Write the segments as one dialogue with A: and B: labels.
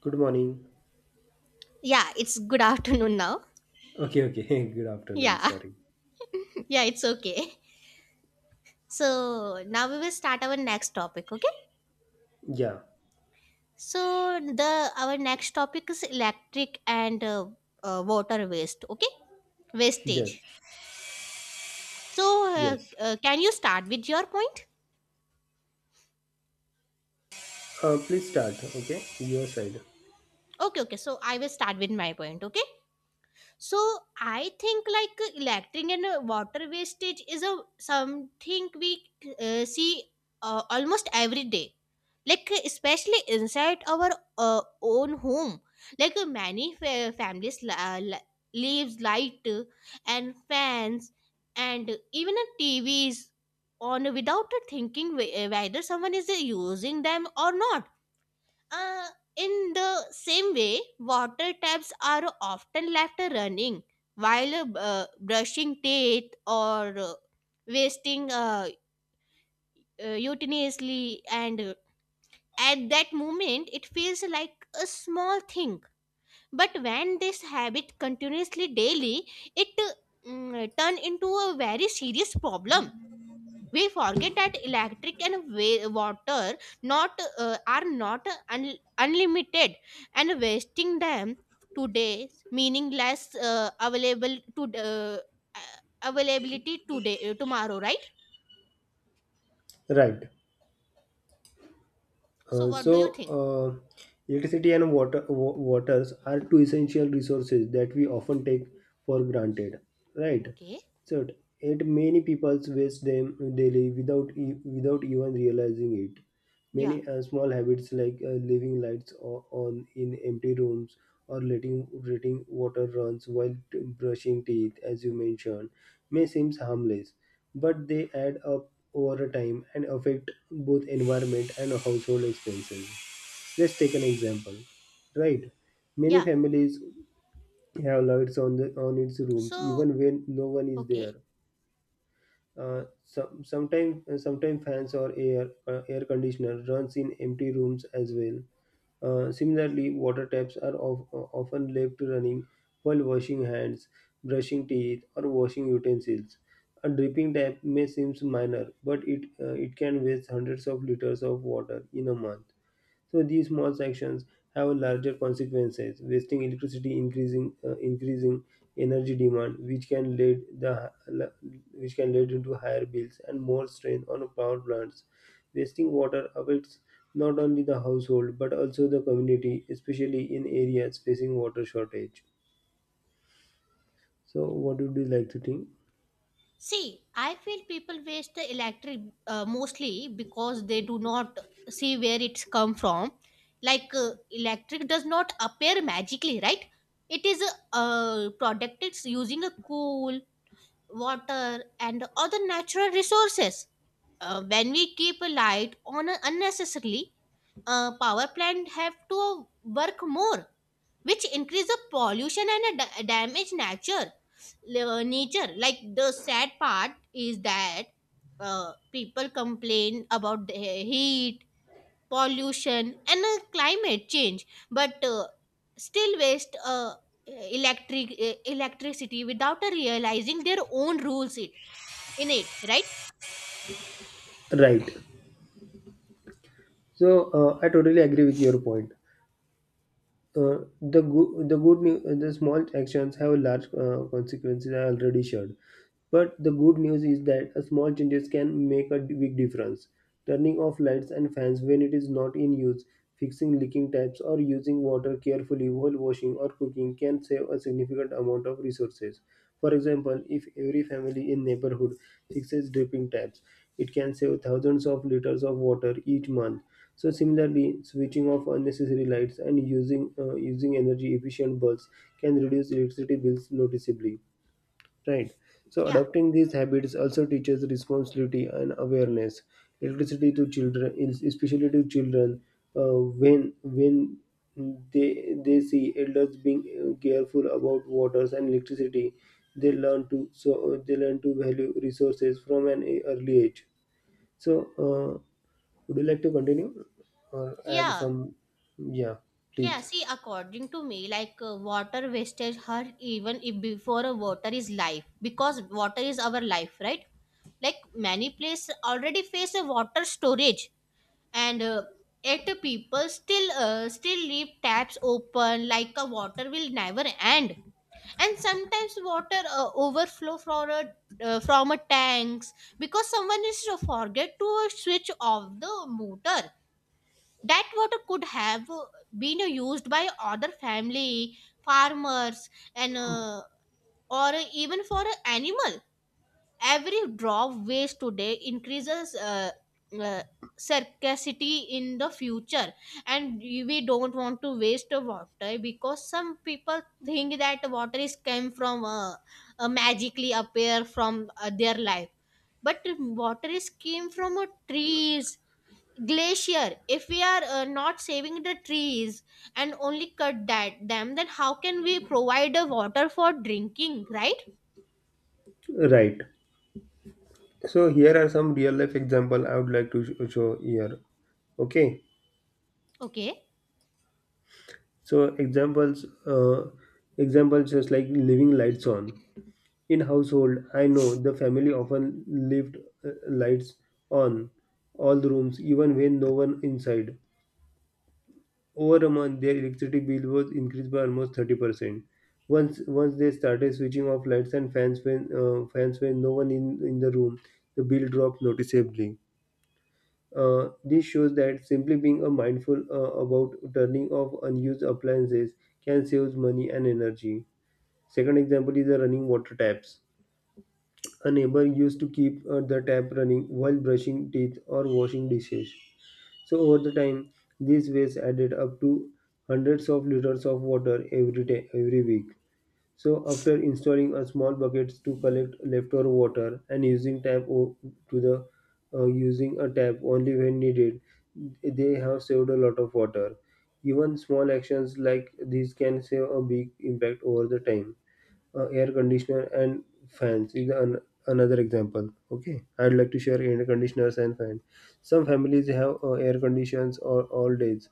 A: Good morning.
B: Yeah, it's good afternoon now.
A: Okay. Good afternoon.
B: Yeah,
A: Sorry.
B: yeah, it's okay. So now we will start our next topic. Okay.
A: Yeah.
B: So the our next topic is electric and water waste. Okay,
A: Yes.
B: wastage. So
A: Yes.
B: can you start with your point?
A: Please start. Okay. Your side.
B: Okay, okay. So I will start with my point. Okay. so I think electric and water wastage is a something we see almost every day, like especially inside our own home. Like many leaves light, and fans, and even TVs on without thinking whether someone is using them or not. uh, in the same way, water taps are often left running while brushing teeth, or wasting utensiliously. And At that moment it feels like a small thing, but when this habit continuously daily, it turn into a very serious problem. We forget that electric and water not are not unlimited, and wasting them today meaning less available to uh, availability today tomorrow, right?
A: Right.
B: So
A: Uh,
B: what
A: so,
B: do you think?
A: uh, Electricity and waters are two essential resources that we often take for granted. Right.
B: Okay.
A: So, it many people waste them daily without without even realizing it.
B: Yeah.
A: Many small habits like leaving lights on in empty rooms or letting water runs while brushing teeth, as you mentioned, may seem harmless, but they add up over time and affect both environment and household expenses. Let's take an example, right? Many
B: Yeah.
A: families have lights on the on its rooms
B: So
A: even when no one is
B: okay,
A: there. Sometimes fans or air conditioner runs in empty rooms as well. Similarly water taps are often left running while washing hands, brushing teeth, or washing utensils. A dripping tap may seem minor, but it can waste hundreds of liters of water in a month. So these small actions have larger consequences, wasting electricity, increasing energy demand, which can lead into higher bills and more strain on power plants. Wasting water affects not only the household but also the community, especially in areas facing water shortage. So, what would you like to think?
B: see, I feel people waste the electric mostly because they do not see where it's come from. Like electric does not appear magically, right? It is a product. It's using a coal, water, and other natural resources. When we keep a light on unnecessarily, power plant have to work more, which increase the pollution and damage nature. Nature, like the sad part is that people complain about the heat, pollution, and climate change, but still waste electricity without realizing their own rules it in it, right?
A: Right. So, I totally agree with your point. The small actions have large consequences. I already shared. But the good news is that a small changes can make a big difference. Turning off lights and fans when it is not in use, fixing leaking taps, or using water carefully while washing or cooking can save a significant amount of resources. For example, if every family in neighborhood fixes dripping taps, it can save thousands of liters of water each month. So similarly, switching off unnecessary lights and using energy efficient bulbs can reduce electricity bills noticeably. Right. So
B: Yeah.
A: adopting these habits also teaches responsibility and awareness. Electricity to especially to children, uh, when they see elders being careful about waters and electricity, they learn to value resources from an early age. So, would you like to continue or add
B: Yeah.
A: some? Yeah,
B: Yeah,
A: please.
B: see, according to me, like water wastage hurt even if before water is life, because water is our life, right? Like many places already face a water storage, and yet people still still leave taps open, like water will never end. And sometimes water overflow from a tanks because someone is to forget to switch off the motor. That water could have been used by other family, farmers, and or even for an animal. Every drop waste today increases uh, scarcity in the future, and we don't want to waste the water, because some people think that water is came from magically appear from their life, but water is came from trees, glacier. If we are not saving the trees and only cut that them, then how can we provide a water for drinking, right?
A: Right. So here are some real life example I would like to show here. Okay.
B: Okay.
A: So examples just like leaving lights on in household. I know the family often left lights on all the rooms even when no one inside. Over a month their electricity bill was increased by almost 30%. Once they started switching off lights and fans when no one in the room, the bill dropped noticeably. This shows that simply being a mindful about turning off unused appliances can save money and energy. Second example is the running water taps. A neighbor used to keep the tap running while brushing teeth or washing dishes. So over the time, these waste added up to hundreds of liters of water every week. So, after installing a small buckets to collect leftover water and to the using a tap only when needed, they have saved a lot of water. Even small actions like these can save a big impact over the time. Air conditioner and fans is an, another example. Okay, I'd like to share air conditioners and fans. Some families have air conditioners or all days.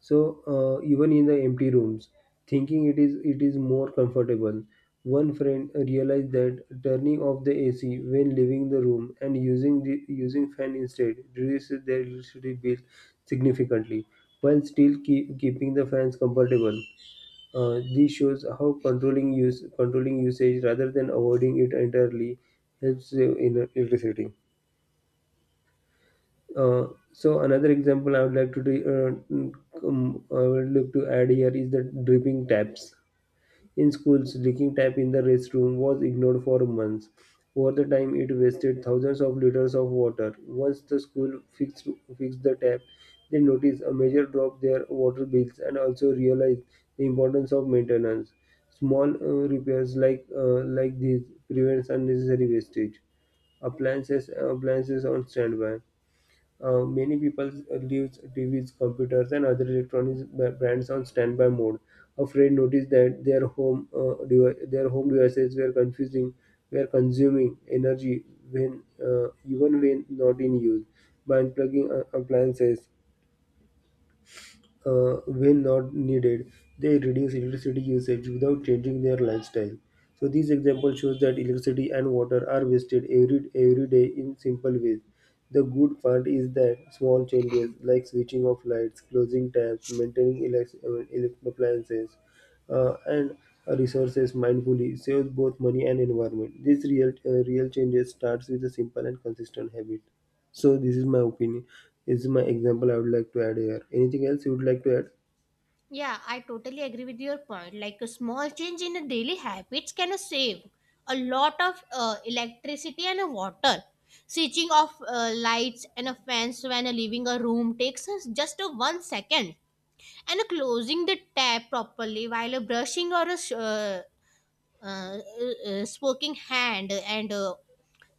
A: So even in the empty rooms, thinking it is more comfortable. One friend realized that turning off the AC when leaving the room and using the using fan instead reduces their electricity bill significantly, while still keeping the fans comfortable. This shows how controlling usage rather than avoiding it entirely helps save in electricity. Uh, so another example I would like to I would look to add here is the dripping taps. In schools, leaking tap in the restroom was ignored for months. Over the time, it wasted thousands of liters of water. Once the school fixed the tap, they noticed a major drop their water bills and also realized the importance of maintenance. Small repairs like these prevents unnecessary wastage. Appliances on standby. Many people leaves TVs, computers, and other brands on standby mode, afraid notice that their their home devices were consuming energy when even when not in use. By unplugging appliances, when not needed, they reduce electricity usage without changing their lifestyle. So these examples shows that electricity and water are wasted every day in simple ways. The good part is that small changes like switching off lights, closing taps, maintaining appliances and resources mindfully saves both money and environment. This real changes starts with a simple and consistent habit. So this is my opinion. This is my example I would like to add here. Anything else you would like to add?
B: Yeah, I totally agree with your point. Like a small change in a daily habits can save a lot of electricity and water. Switching off lights and a fans when leaving a room takes us just a one second, and closing the tap properly while brushing or sh- uh, smoking hand, and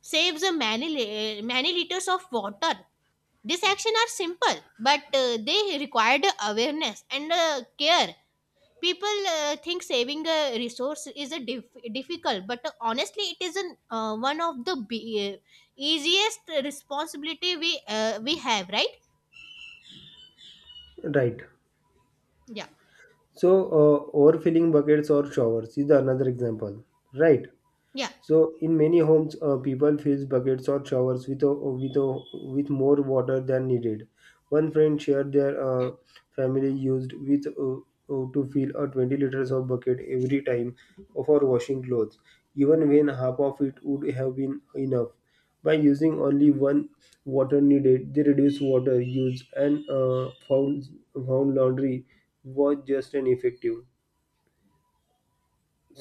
B: saves many liters of water. These actions are simple, but they required awareness and care. People think saving a resource is a difficult, but honestly, it is one of the easiest responsibility we have, right?
A: Right.
B: Yeah.
A: So overfilling buckets or showers is another example. Right.
B: Yeah.
A: So in many homes, people fill buckets or showers with more water than needed. One friend shared their family used with to fill a 20 liters of bucket every time for washing clothes, even when half of it would have been enough. By using only one water needed, they reduced water use and found laundry was just and effective.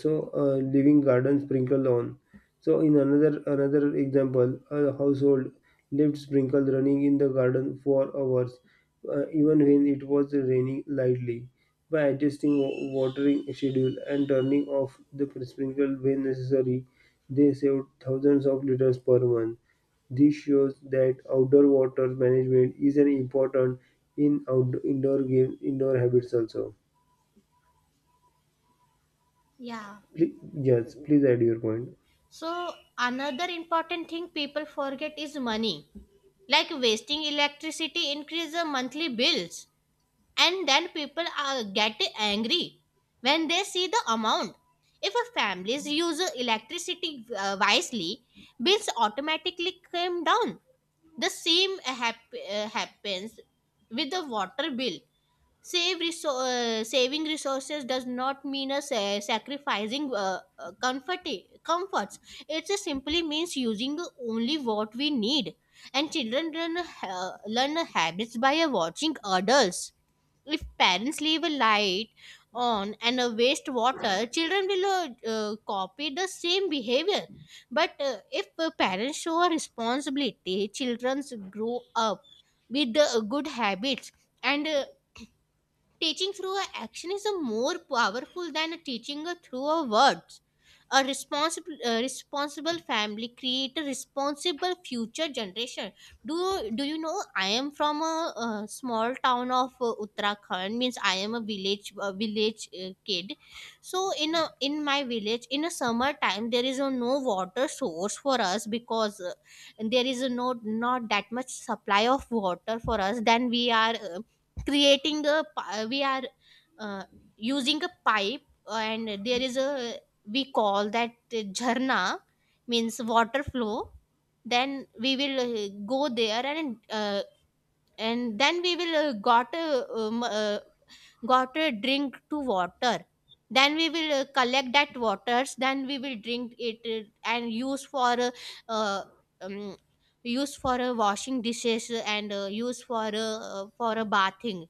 A: So living garden sprinkle lawn. So in another example, a household left sprinkle running in the garden for hours, even when it was raining lightly. By adjusting watering schedule and turning off the sprinkle when necessary, they saved thousands of liters per month. This shows that outdoor water management is an important in outdoor indoor game indoor habits also.
B: Yeah.
A: Please, yes please add your point.
B: So another important thing people forget is money. Like wasting electricity increase the monthly bills, and then people are get angry when they see the amount. If a families use electricity wisely, bills automatically come down. The same happens with the water bill. Save resou- Saving resources does not mean a sacrificing comforts. It just simply means using only what we need. And children learn habits by watching adults. If parents leave a light on and waste water, children will copy the same behavior. But if parents show a responsibility, children grow up with good habits, and teaching through a action is a more powerful than a teaching a through a word. A responsible responsible family create a responsible future generation. do do you know, I am from a small town of Uttarakhand, means I am a village kid. So in a in my village in a summer time, there is a no water source for us, because there is a no, not that much supply of water for us. Then we are we are uh, using a pipe, and there is a, we call that jharna, means water flow. Then we will go there, and then we will um, uh, got a drink to water. Then we will collect that waters, then we will drink it, and use for uh, um, use for washing dishes, and use for a bathing.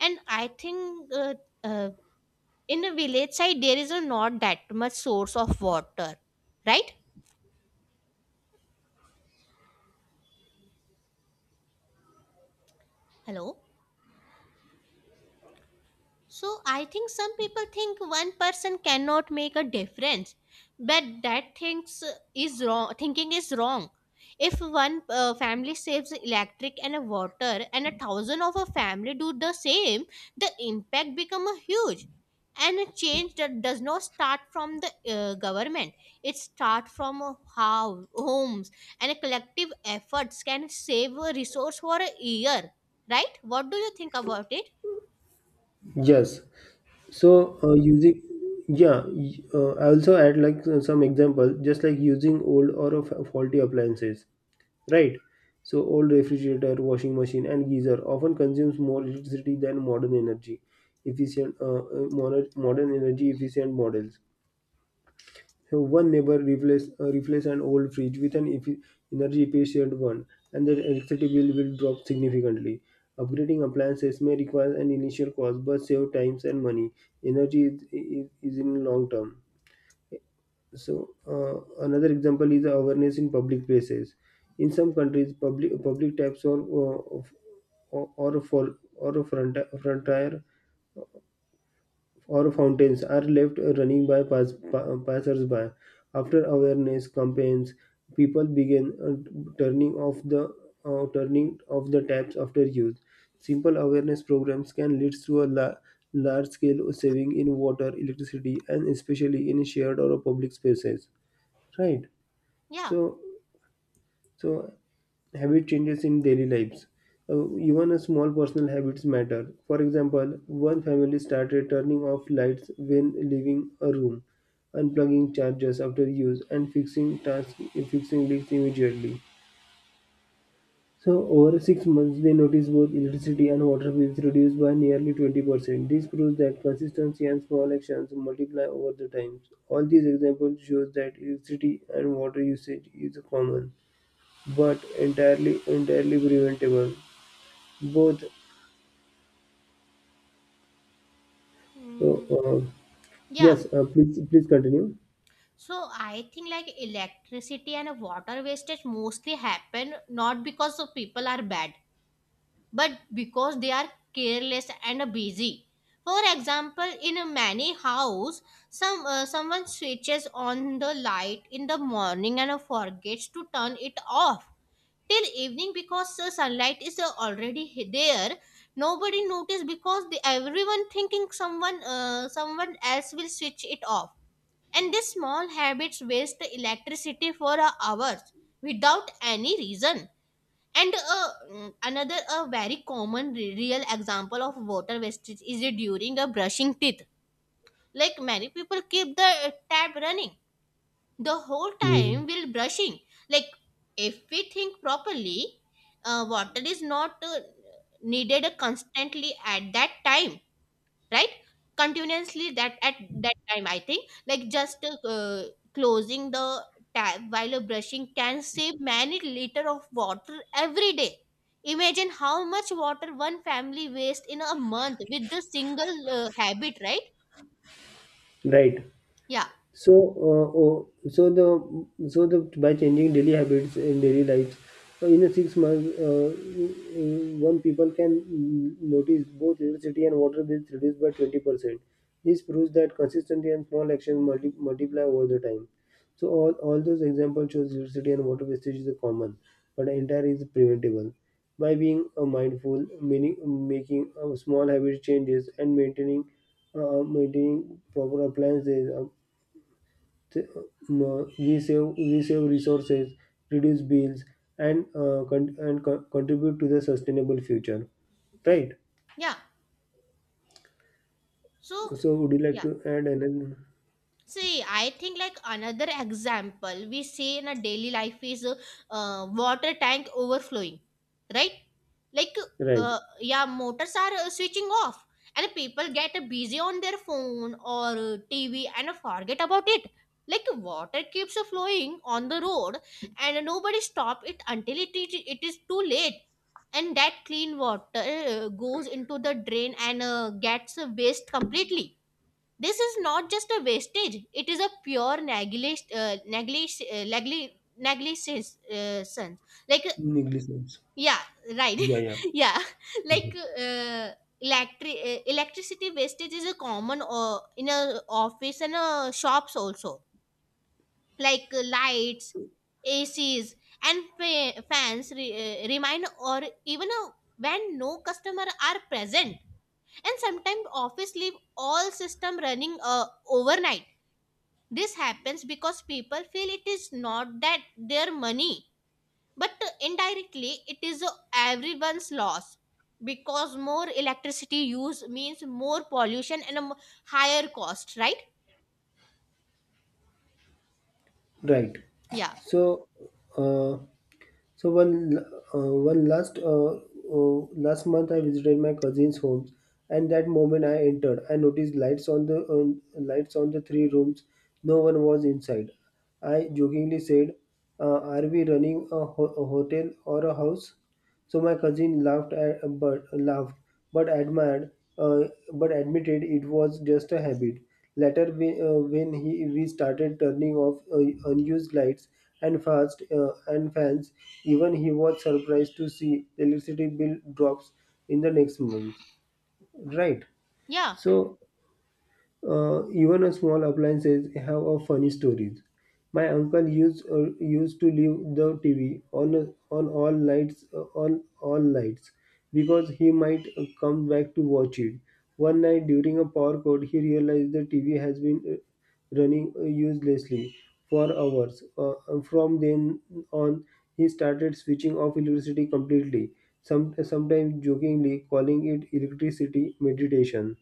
B: And I think uh, in a village side there is a not that much source of water, right? Hello. So I think some people think one person cannot make a difference, but that thinks is wrong. Thinking is wrong. If one family saves electric and a water, and a thousand of a family do the same, the impact become a huge. And a change that does not start from the government. It starts from a how homes and a collective efforts can save a resource for a year, right? What do you think about it?
A: Yes. So I also add like some example, just like using old or of faulty appliances, right? So old refrigerator, washing machine, and geyser often consumes more electricity than modern energy efficient models. So one neighbor replace an old fridge with an energy efficient one, and the electricity bill will drop significantly. Upgrading appliances may require an initial cost, but save times and money. Energy is in long term. So another example is awareness in public places. In some countries, public taps or of- or for or a front frontier or fountains are left running by passersby. After awareness campaigns, people began turning off the taps after use. Simple awareness programs can lead to a large scale saving in water, electricity, and especially in shared or public spaces. Right.
B: Yeah.
A: So so habit changes in daily lives. Even a small personal habits matter. For example, one family started turning off lights when leaving a room, unplugging chargers after use, and fixing leaks immediately. So over 6 months, they noticed both electricity and water bills reduced by nearly 20%. This proves that consistency and small actions multiply over the time. All these examples shows that electricity and water usage is common, but entirely preventable both. So,
B: Mm, yeah.
A: yes, please continue.
B: So I think like electricity and water wastage mostly happen not because of people are bad, but because they are careless and busy. For example, in a many house, someone switches on the light in the morning and forgets to turn it off till evening, because the sunlight is already he- there. Nobody notice, because the, everyone thinking someone else will switch it off. And these small habits waste the electricity for hours without any reason. And another a very common real example of water wastage is during a brushing teeth. Like many people keep the tap running the whole
A: Hmm.
B: time while brushing. Like if we think properly, water is not needed constantly at that time, right? Continuously, that at that time, I think like just uh, closing the tap while you're brushing can save many liter of water every day. Imagine how much water one family wastes in a month with the single habit, right?
A: Right.
B: Yeah.
A: So, oh, so the by changing daily habits in daily lives, in a 6 months, one people can notice both electricity and water bills reduced by 20%. This proves that consistency and small actions multiply over the time. So all those examples shows electricity and water wastage is a common, but entire is preventable. By being mindful, meaning, making small habit changes, and maintaining proper appliances, we save resources, reduce bills, and contribute to the sustainable future. Right.
B: Yeah. So
A: So would you like
B: yeah,
A: to add another?
B: see, I think like another example we see in a daily life is water tank overflowing, right? Like
A: Right.
B: yeah, motors are switching off, and people get busy on their phone or TV and forget about it. Like water keeps flowing on the road, and nobody stop it until it is too late. And that clean water goes into the drain and gets waste completely. This is not just a wastage, it is a pure negligence sense. Like,
A: Negligence.
B: yeah, right.
A: Yeah, yeah.
B: Yeah, like electricity wastage is a common in a office and shops also. Like lights, ACs, and fans remind, or even when no customer are present. And sometimes office leave all system running overnight. This happens because people feel it is not that their money, but indirectly it is everyone's loss, because more electricity use means more pollution and a higher cost, right?
A: Right.
B: Yeah.
A: So, uh, so one one last last month I visited my cousin's home, and that moment I entered, I noticed lights on lights on the three rooms. No one was inside. I jokingly said, "Are we running a hotel or a house?" So my cousin laughed, but uh, admitted it was just a habit. Later, we, when he we started turning off unused lights and fast and fans, even he was surprised to see electricity bill drops in the next month. Right.
B: Yeah.
A: So even a small appliances have a funny stories. My uncle used to leave the TV on all nights because he might come back to watch it. One night during a power cut, he realized the TV has been running uselessly for hours. From then on, he started switching off electricity completely. Sometimes jokingly calling it electricity meditation.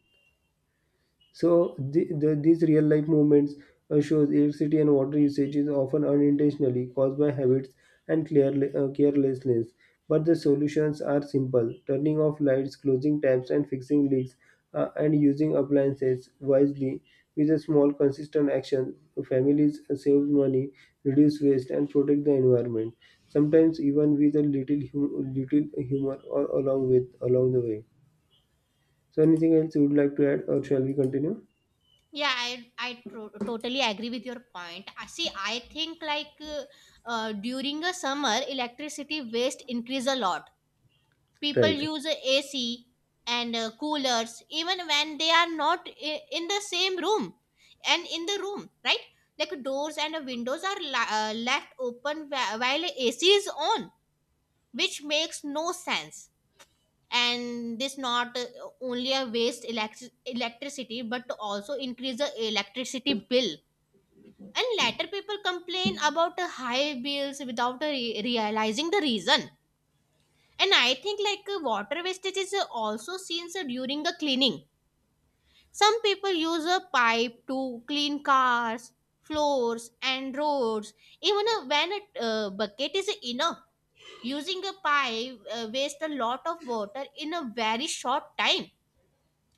A: So these real life movements shows electricity and water usage is often unintentionally caused by habits and carelessness. But the solutions are simple: turning off lights, closing taps, and fixing leaks, and using appliances wisely. With a small, consistent action, families save money, reduce waste, and protect the environment. Sometimes even with a little humor or along with along the way. So anything else you would like to add, or shall we continue?
B: Yeah, I totally agree with your point. I see, I think like during a summer electricity waste increase a lot. People
A: Right.
B: use a AC and coolers even when they are not in the same room and in the room, right? Like doors and windows are left open while AC is on, which makes no sense. And this not only a waste electricity, but also increase the electricity bill, and later people complain about the high bills without realizing the reason. And I think like water wastage is also seen during the cleaning. Some people use a pipe to clean cars, floors, and roads. Even when a bucket is enough, using a pipe wastes a lot of water in a very short time.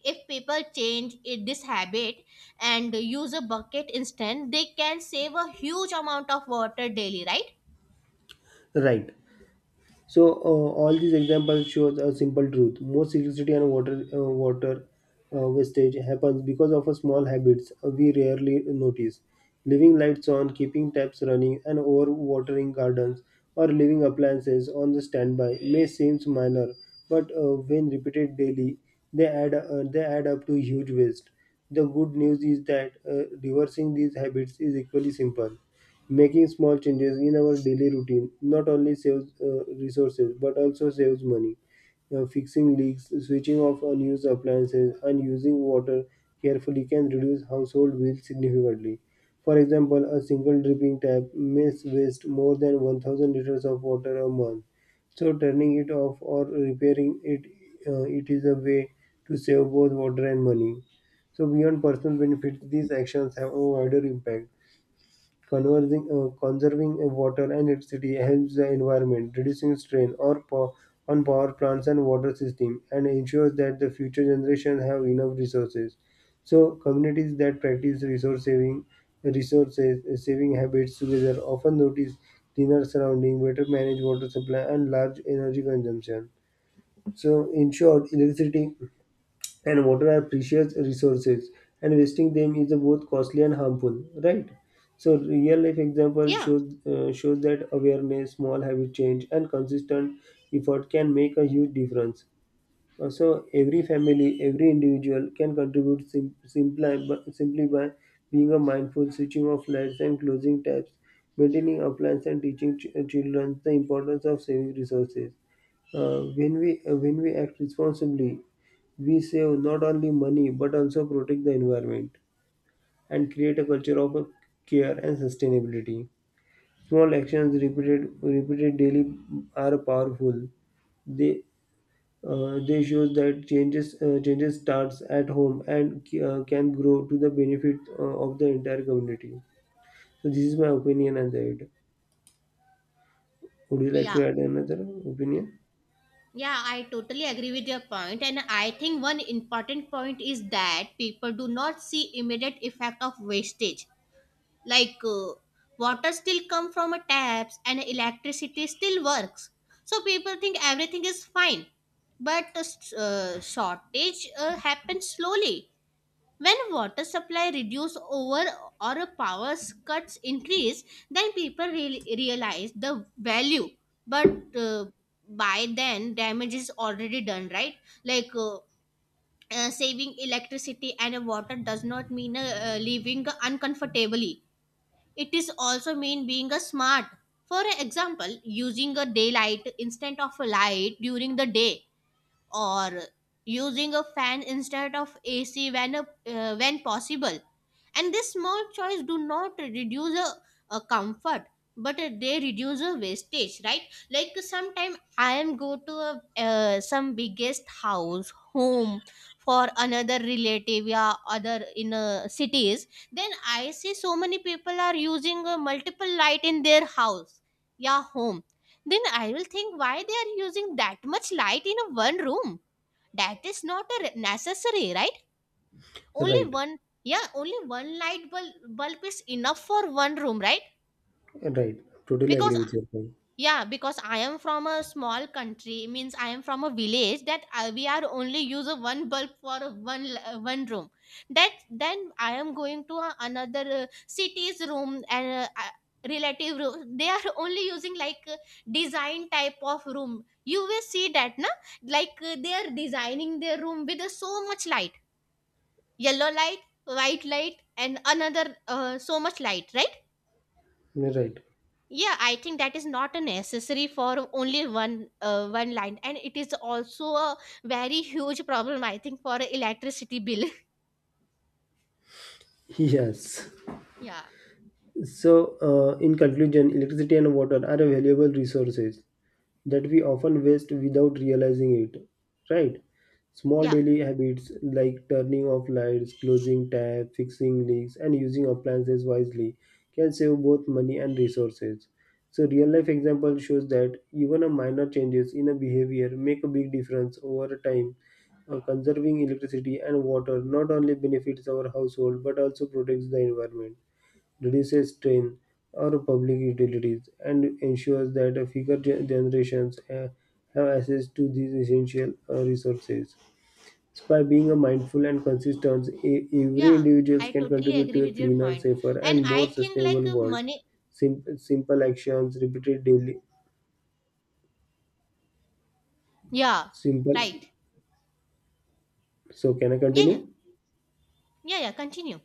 B: If people change it, this habit, and use a bucket instead, they can save a huge amount of water daily, right?
A: Right. So all these examples show a simple truth: most electricity and water wastage happens because of a small habits we rarely notice. Leaving lights on, keeping taps running, and overwatering gardens or leaving appliances on the standby may seem minor, but when repeated daily, they add up to huge waste. The good news is that reversing these habits is equally simple. Making small changes in our daily routine not only saves resources but also saves money. Fixing leaks, switching off unused appliances, and using water carefully can reduce household bills significantly. For example, a single dripping tap may waste more than 1,000 liters of water a month. So, turning it off or repairing it, it is a way to save both water and money. So, beyond personal benefits, these actions have a wider impact. Conserving water and electricity helps the environment, reducing on power plants and water systems, and ensures that the future generations have enough resources. So, communities that practice resources saving habits together often notice cleaner surrounding, better managed water supply, and large energy consumption. So, in short, electricity and water are precious resources and wasting them is both costly and harmful. Right. So real life example
B: Yeah.
A: shows shows that awareness, small habit change, and consistent effort can make a huge difference. So every family, every individual can contribute simply by being a mindful, switching off lights and closing taps, maintaining appliances, and teaching children the importance of saving resources. When we act responsibly, we save not only money but also protect the environment and create a culture of care and sustainability. Small actions repeated daily are powerful. They they show that changes starts at home and can grow to the benefit of the entire community. So this is my opinion on that. Would you like
B: Yeah.
A: to add another opinion?
B: Yeah, I totally agree with your point, and I think one important point is that people do not see immediate effect of wastage. Like water still come from a taps and electricity still works, so people think everything is fine. But shortage happens slowly, when water supply reduce over or power cuts increase, then people real realize the value. But by then, damage is already done, right? Like uh, saving electricity and water does not mean living uncomfortably. It is also mean being a smart. For example, using a daylight instead of a light during the day or using a fan instead of AC when possible. And this small choice do not reduce a comfort, but they reduce a wastage, right? Like sometime I am go to some biggest house home for another relative, yeah, other in cities. Then I see so many people are using multiple light in their house, yeah, home. Then I will think why they are using that much light in a one room. That is not a re- necessary, right? Only
A: Right,
B: one. Yeah, only one light bulb is enough for one room, right?
A: right. Totally
B: Because,
A: agree with your point.
B: yeah, because I am from a small country, means I am from a village, that we are only use a one bulb for a one room. That then I am going to another city's room and relative room. They are only using like design type of room, you will see that na. Like they are designing their room with so much light, yellow light, white light and another so much light, right?
A: Right.
B: Yeah, I think that is not a necessary for only one line and it is also a very huge problem, I think, for a electricity bill.
A: Yes.
B: Yeah.
A: So, in conclusion, electricity and water are valuable resources that we often waste without realizing it, right? Small
B: Yeah,
A: daily habits like turning off lights, closing tab, fixing leaks, and using appliances wisely can save both money and resources. So, real life example shows that even a minor changes in a behavior make a big difference over time. Conserving electricity and water not only benefits our household but also protects the environment, reduces strain on public utilities, and ensures that generations have access to these essential resources. So by being a mindful and consistent, every
B: yeah,
A: individual
B: I
A: can
B: totally
A: contribute
B: agree
A: to a
B: with your
A: cleaner,
B: point,
A: safer,
B: and
A: and
B: I
A: more
B: think
A: sustainable world.
B: money.
A: Simple actions repeated daily.
B: Yeah.
A: Simple.
B: Right.
A: So can I
B: Yeah, yeah.
A: continue?
B: Yeah, yeah, continue.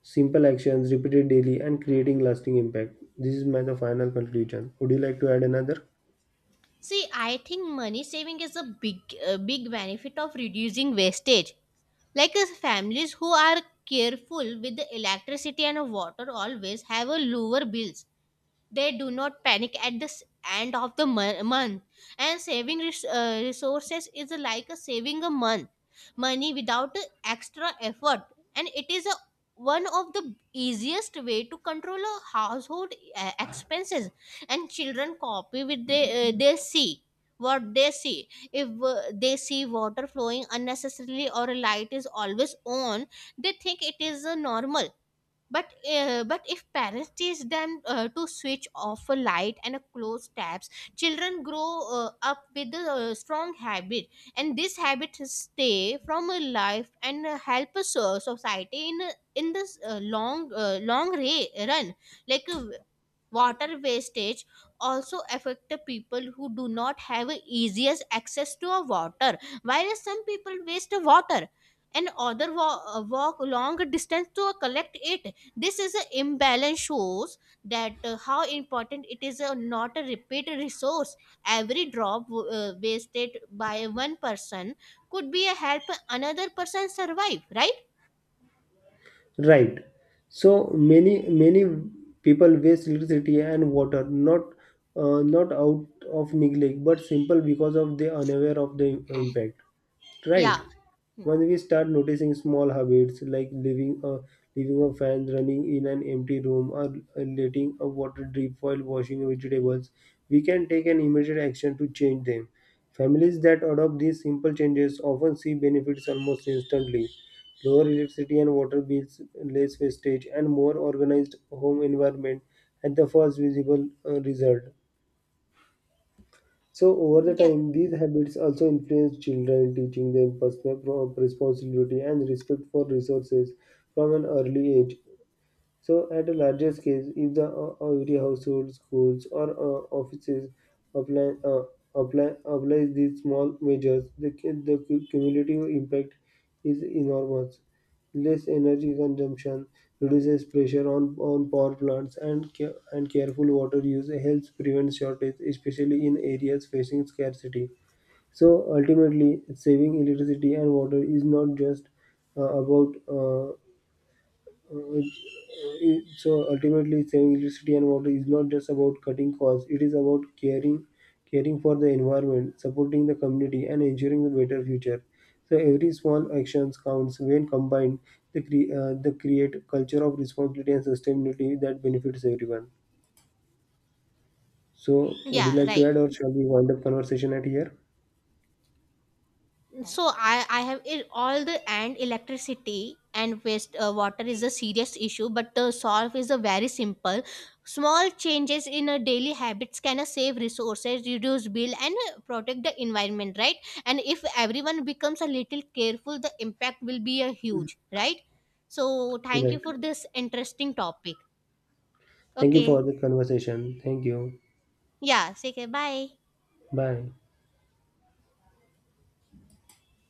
A: Simple actions repeated daily and creating lasting impact. This is my the final conclusion. Would you like to add another?
B: See, I think money saving is a big, big benefit of reducing wastage. Like families who are careful with the electricity and water always have a lower bills. They do not panic at end of month, and saving resources is like a saving a month money without a extra effort. And it is a one of the easiest way to control a household expenses. And children copy with they, they see. What they see, if they see water flowing unnecessarily or a light is always on, they think it is normal. But if parents teach them to switch off a light and a close tabs, children grow up with a strong habit. And this habit stay from a life and help society in in this long run. Like water wastage also affect the people who do not have easiest access to a water. Whereas some people waste water and other walk long distance to collect it. This is an imbalance shows that how important it is not a repeat resource. Every drop wasted by one person could be a help another person survive. Right?
A: Right. So many people waste electricity and water not out of neglect but simple because of they unaware of the impact, right?
B: Yeah.
A: When we start noticing small habits like leaving a fan running in an empty room or letting a water drip while washing vegetables, we can take an immediate action to change them. Families that adopt these simple changes often see benefits almost instantly: lower electricity and water bills, less wastage, and more organized home environment at the first visible result. So over the
B: Yeah.
A: time, these habits also influence children, teaching them personal responsibility and respect for resources from an early age. So, at a larger scale, if the every household, schools, or offices apply apply applies these small measures, cumulative impact is enormous. Less energy consumption reduces pressure on power plants, and and careful water use helps prevent shortage, especially in areas facing scarcity. So, ultimately, saving electricity and water is not just about uh, so ultimately saving electricity and water is not just about cutting costs. It is about caring for the environment, supporting the community, and ensuring a better future. So every small action counts. When combined, they create a culture of responsibility and sustainability that benefits everyone. So would you
B: Yeah.
A: like to
B: Right.
A: add or shall we wind up conversation at here?
B: So I have it all the and electricity and waste water is a serious issue, but the solve is a very simple. Small changes in a daily habits can save resources, reduce bill and protect the environment, right? And if everyone becomes a little careful, the impact will be a huge, right? So thank you
A: Right.
B: for this interesting topic.
A: Thank you for
B: Okay.
A: the conversation. Thank you.
B: Yeah, say okay, bye.
A: Bye.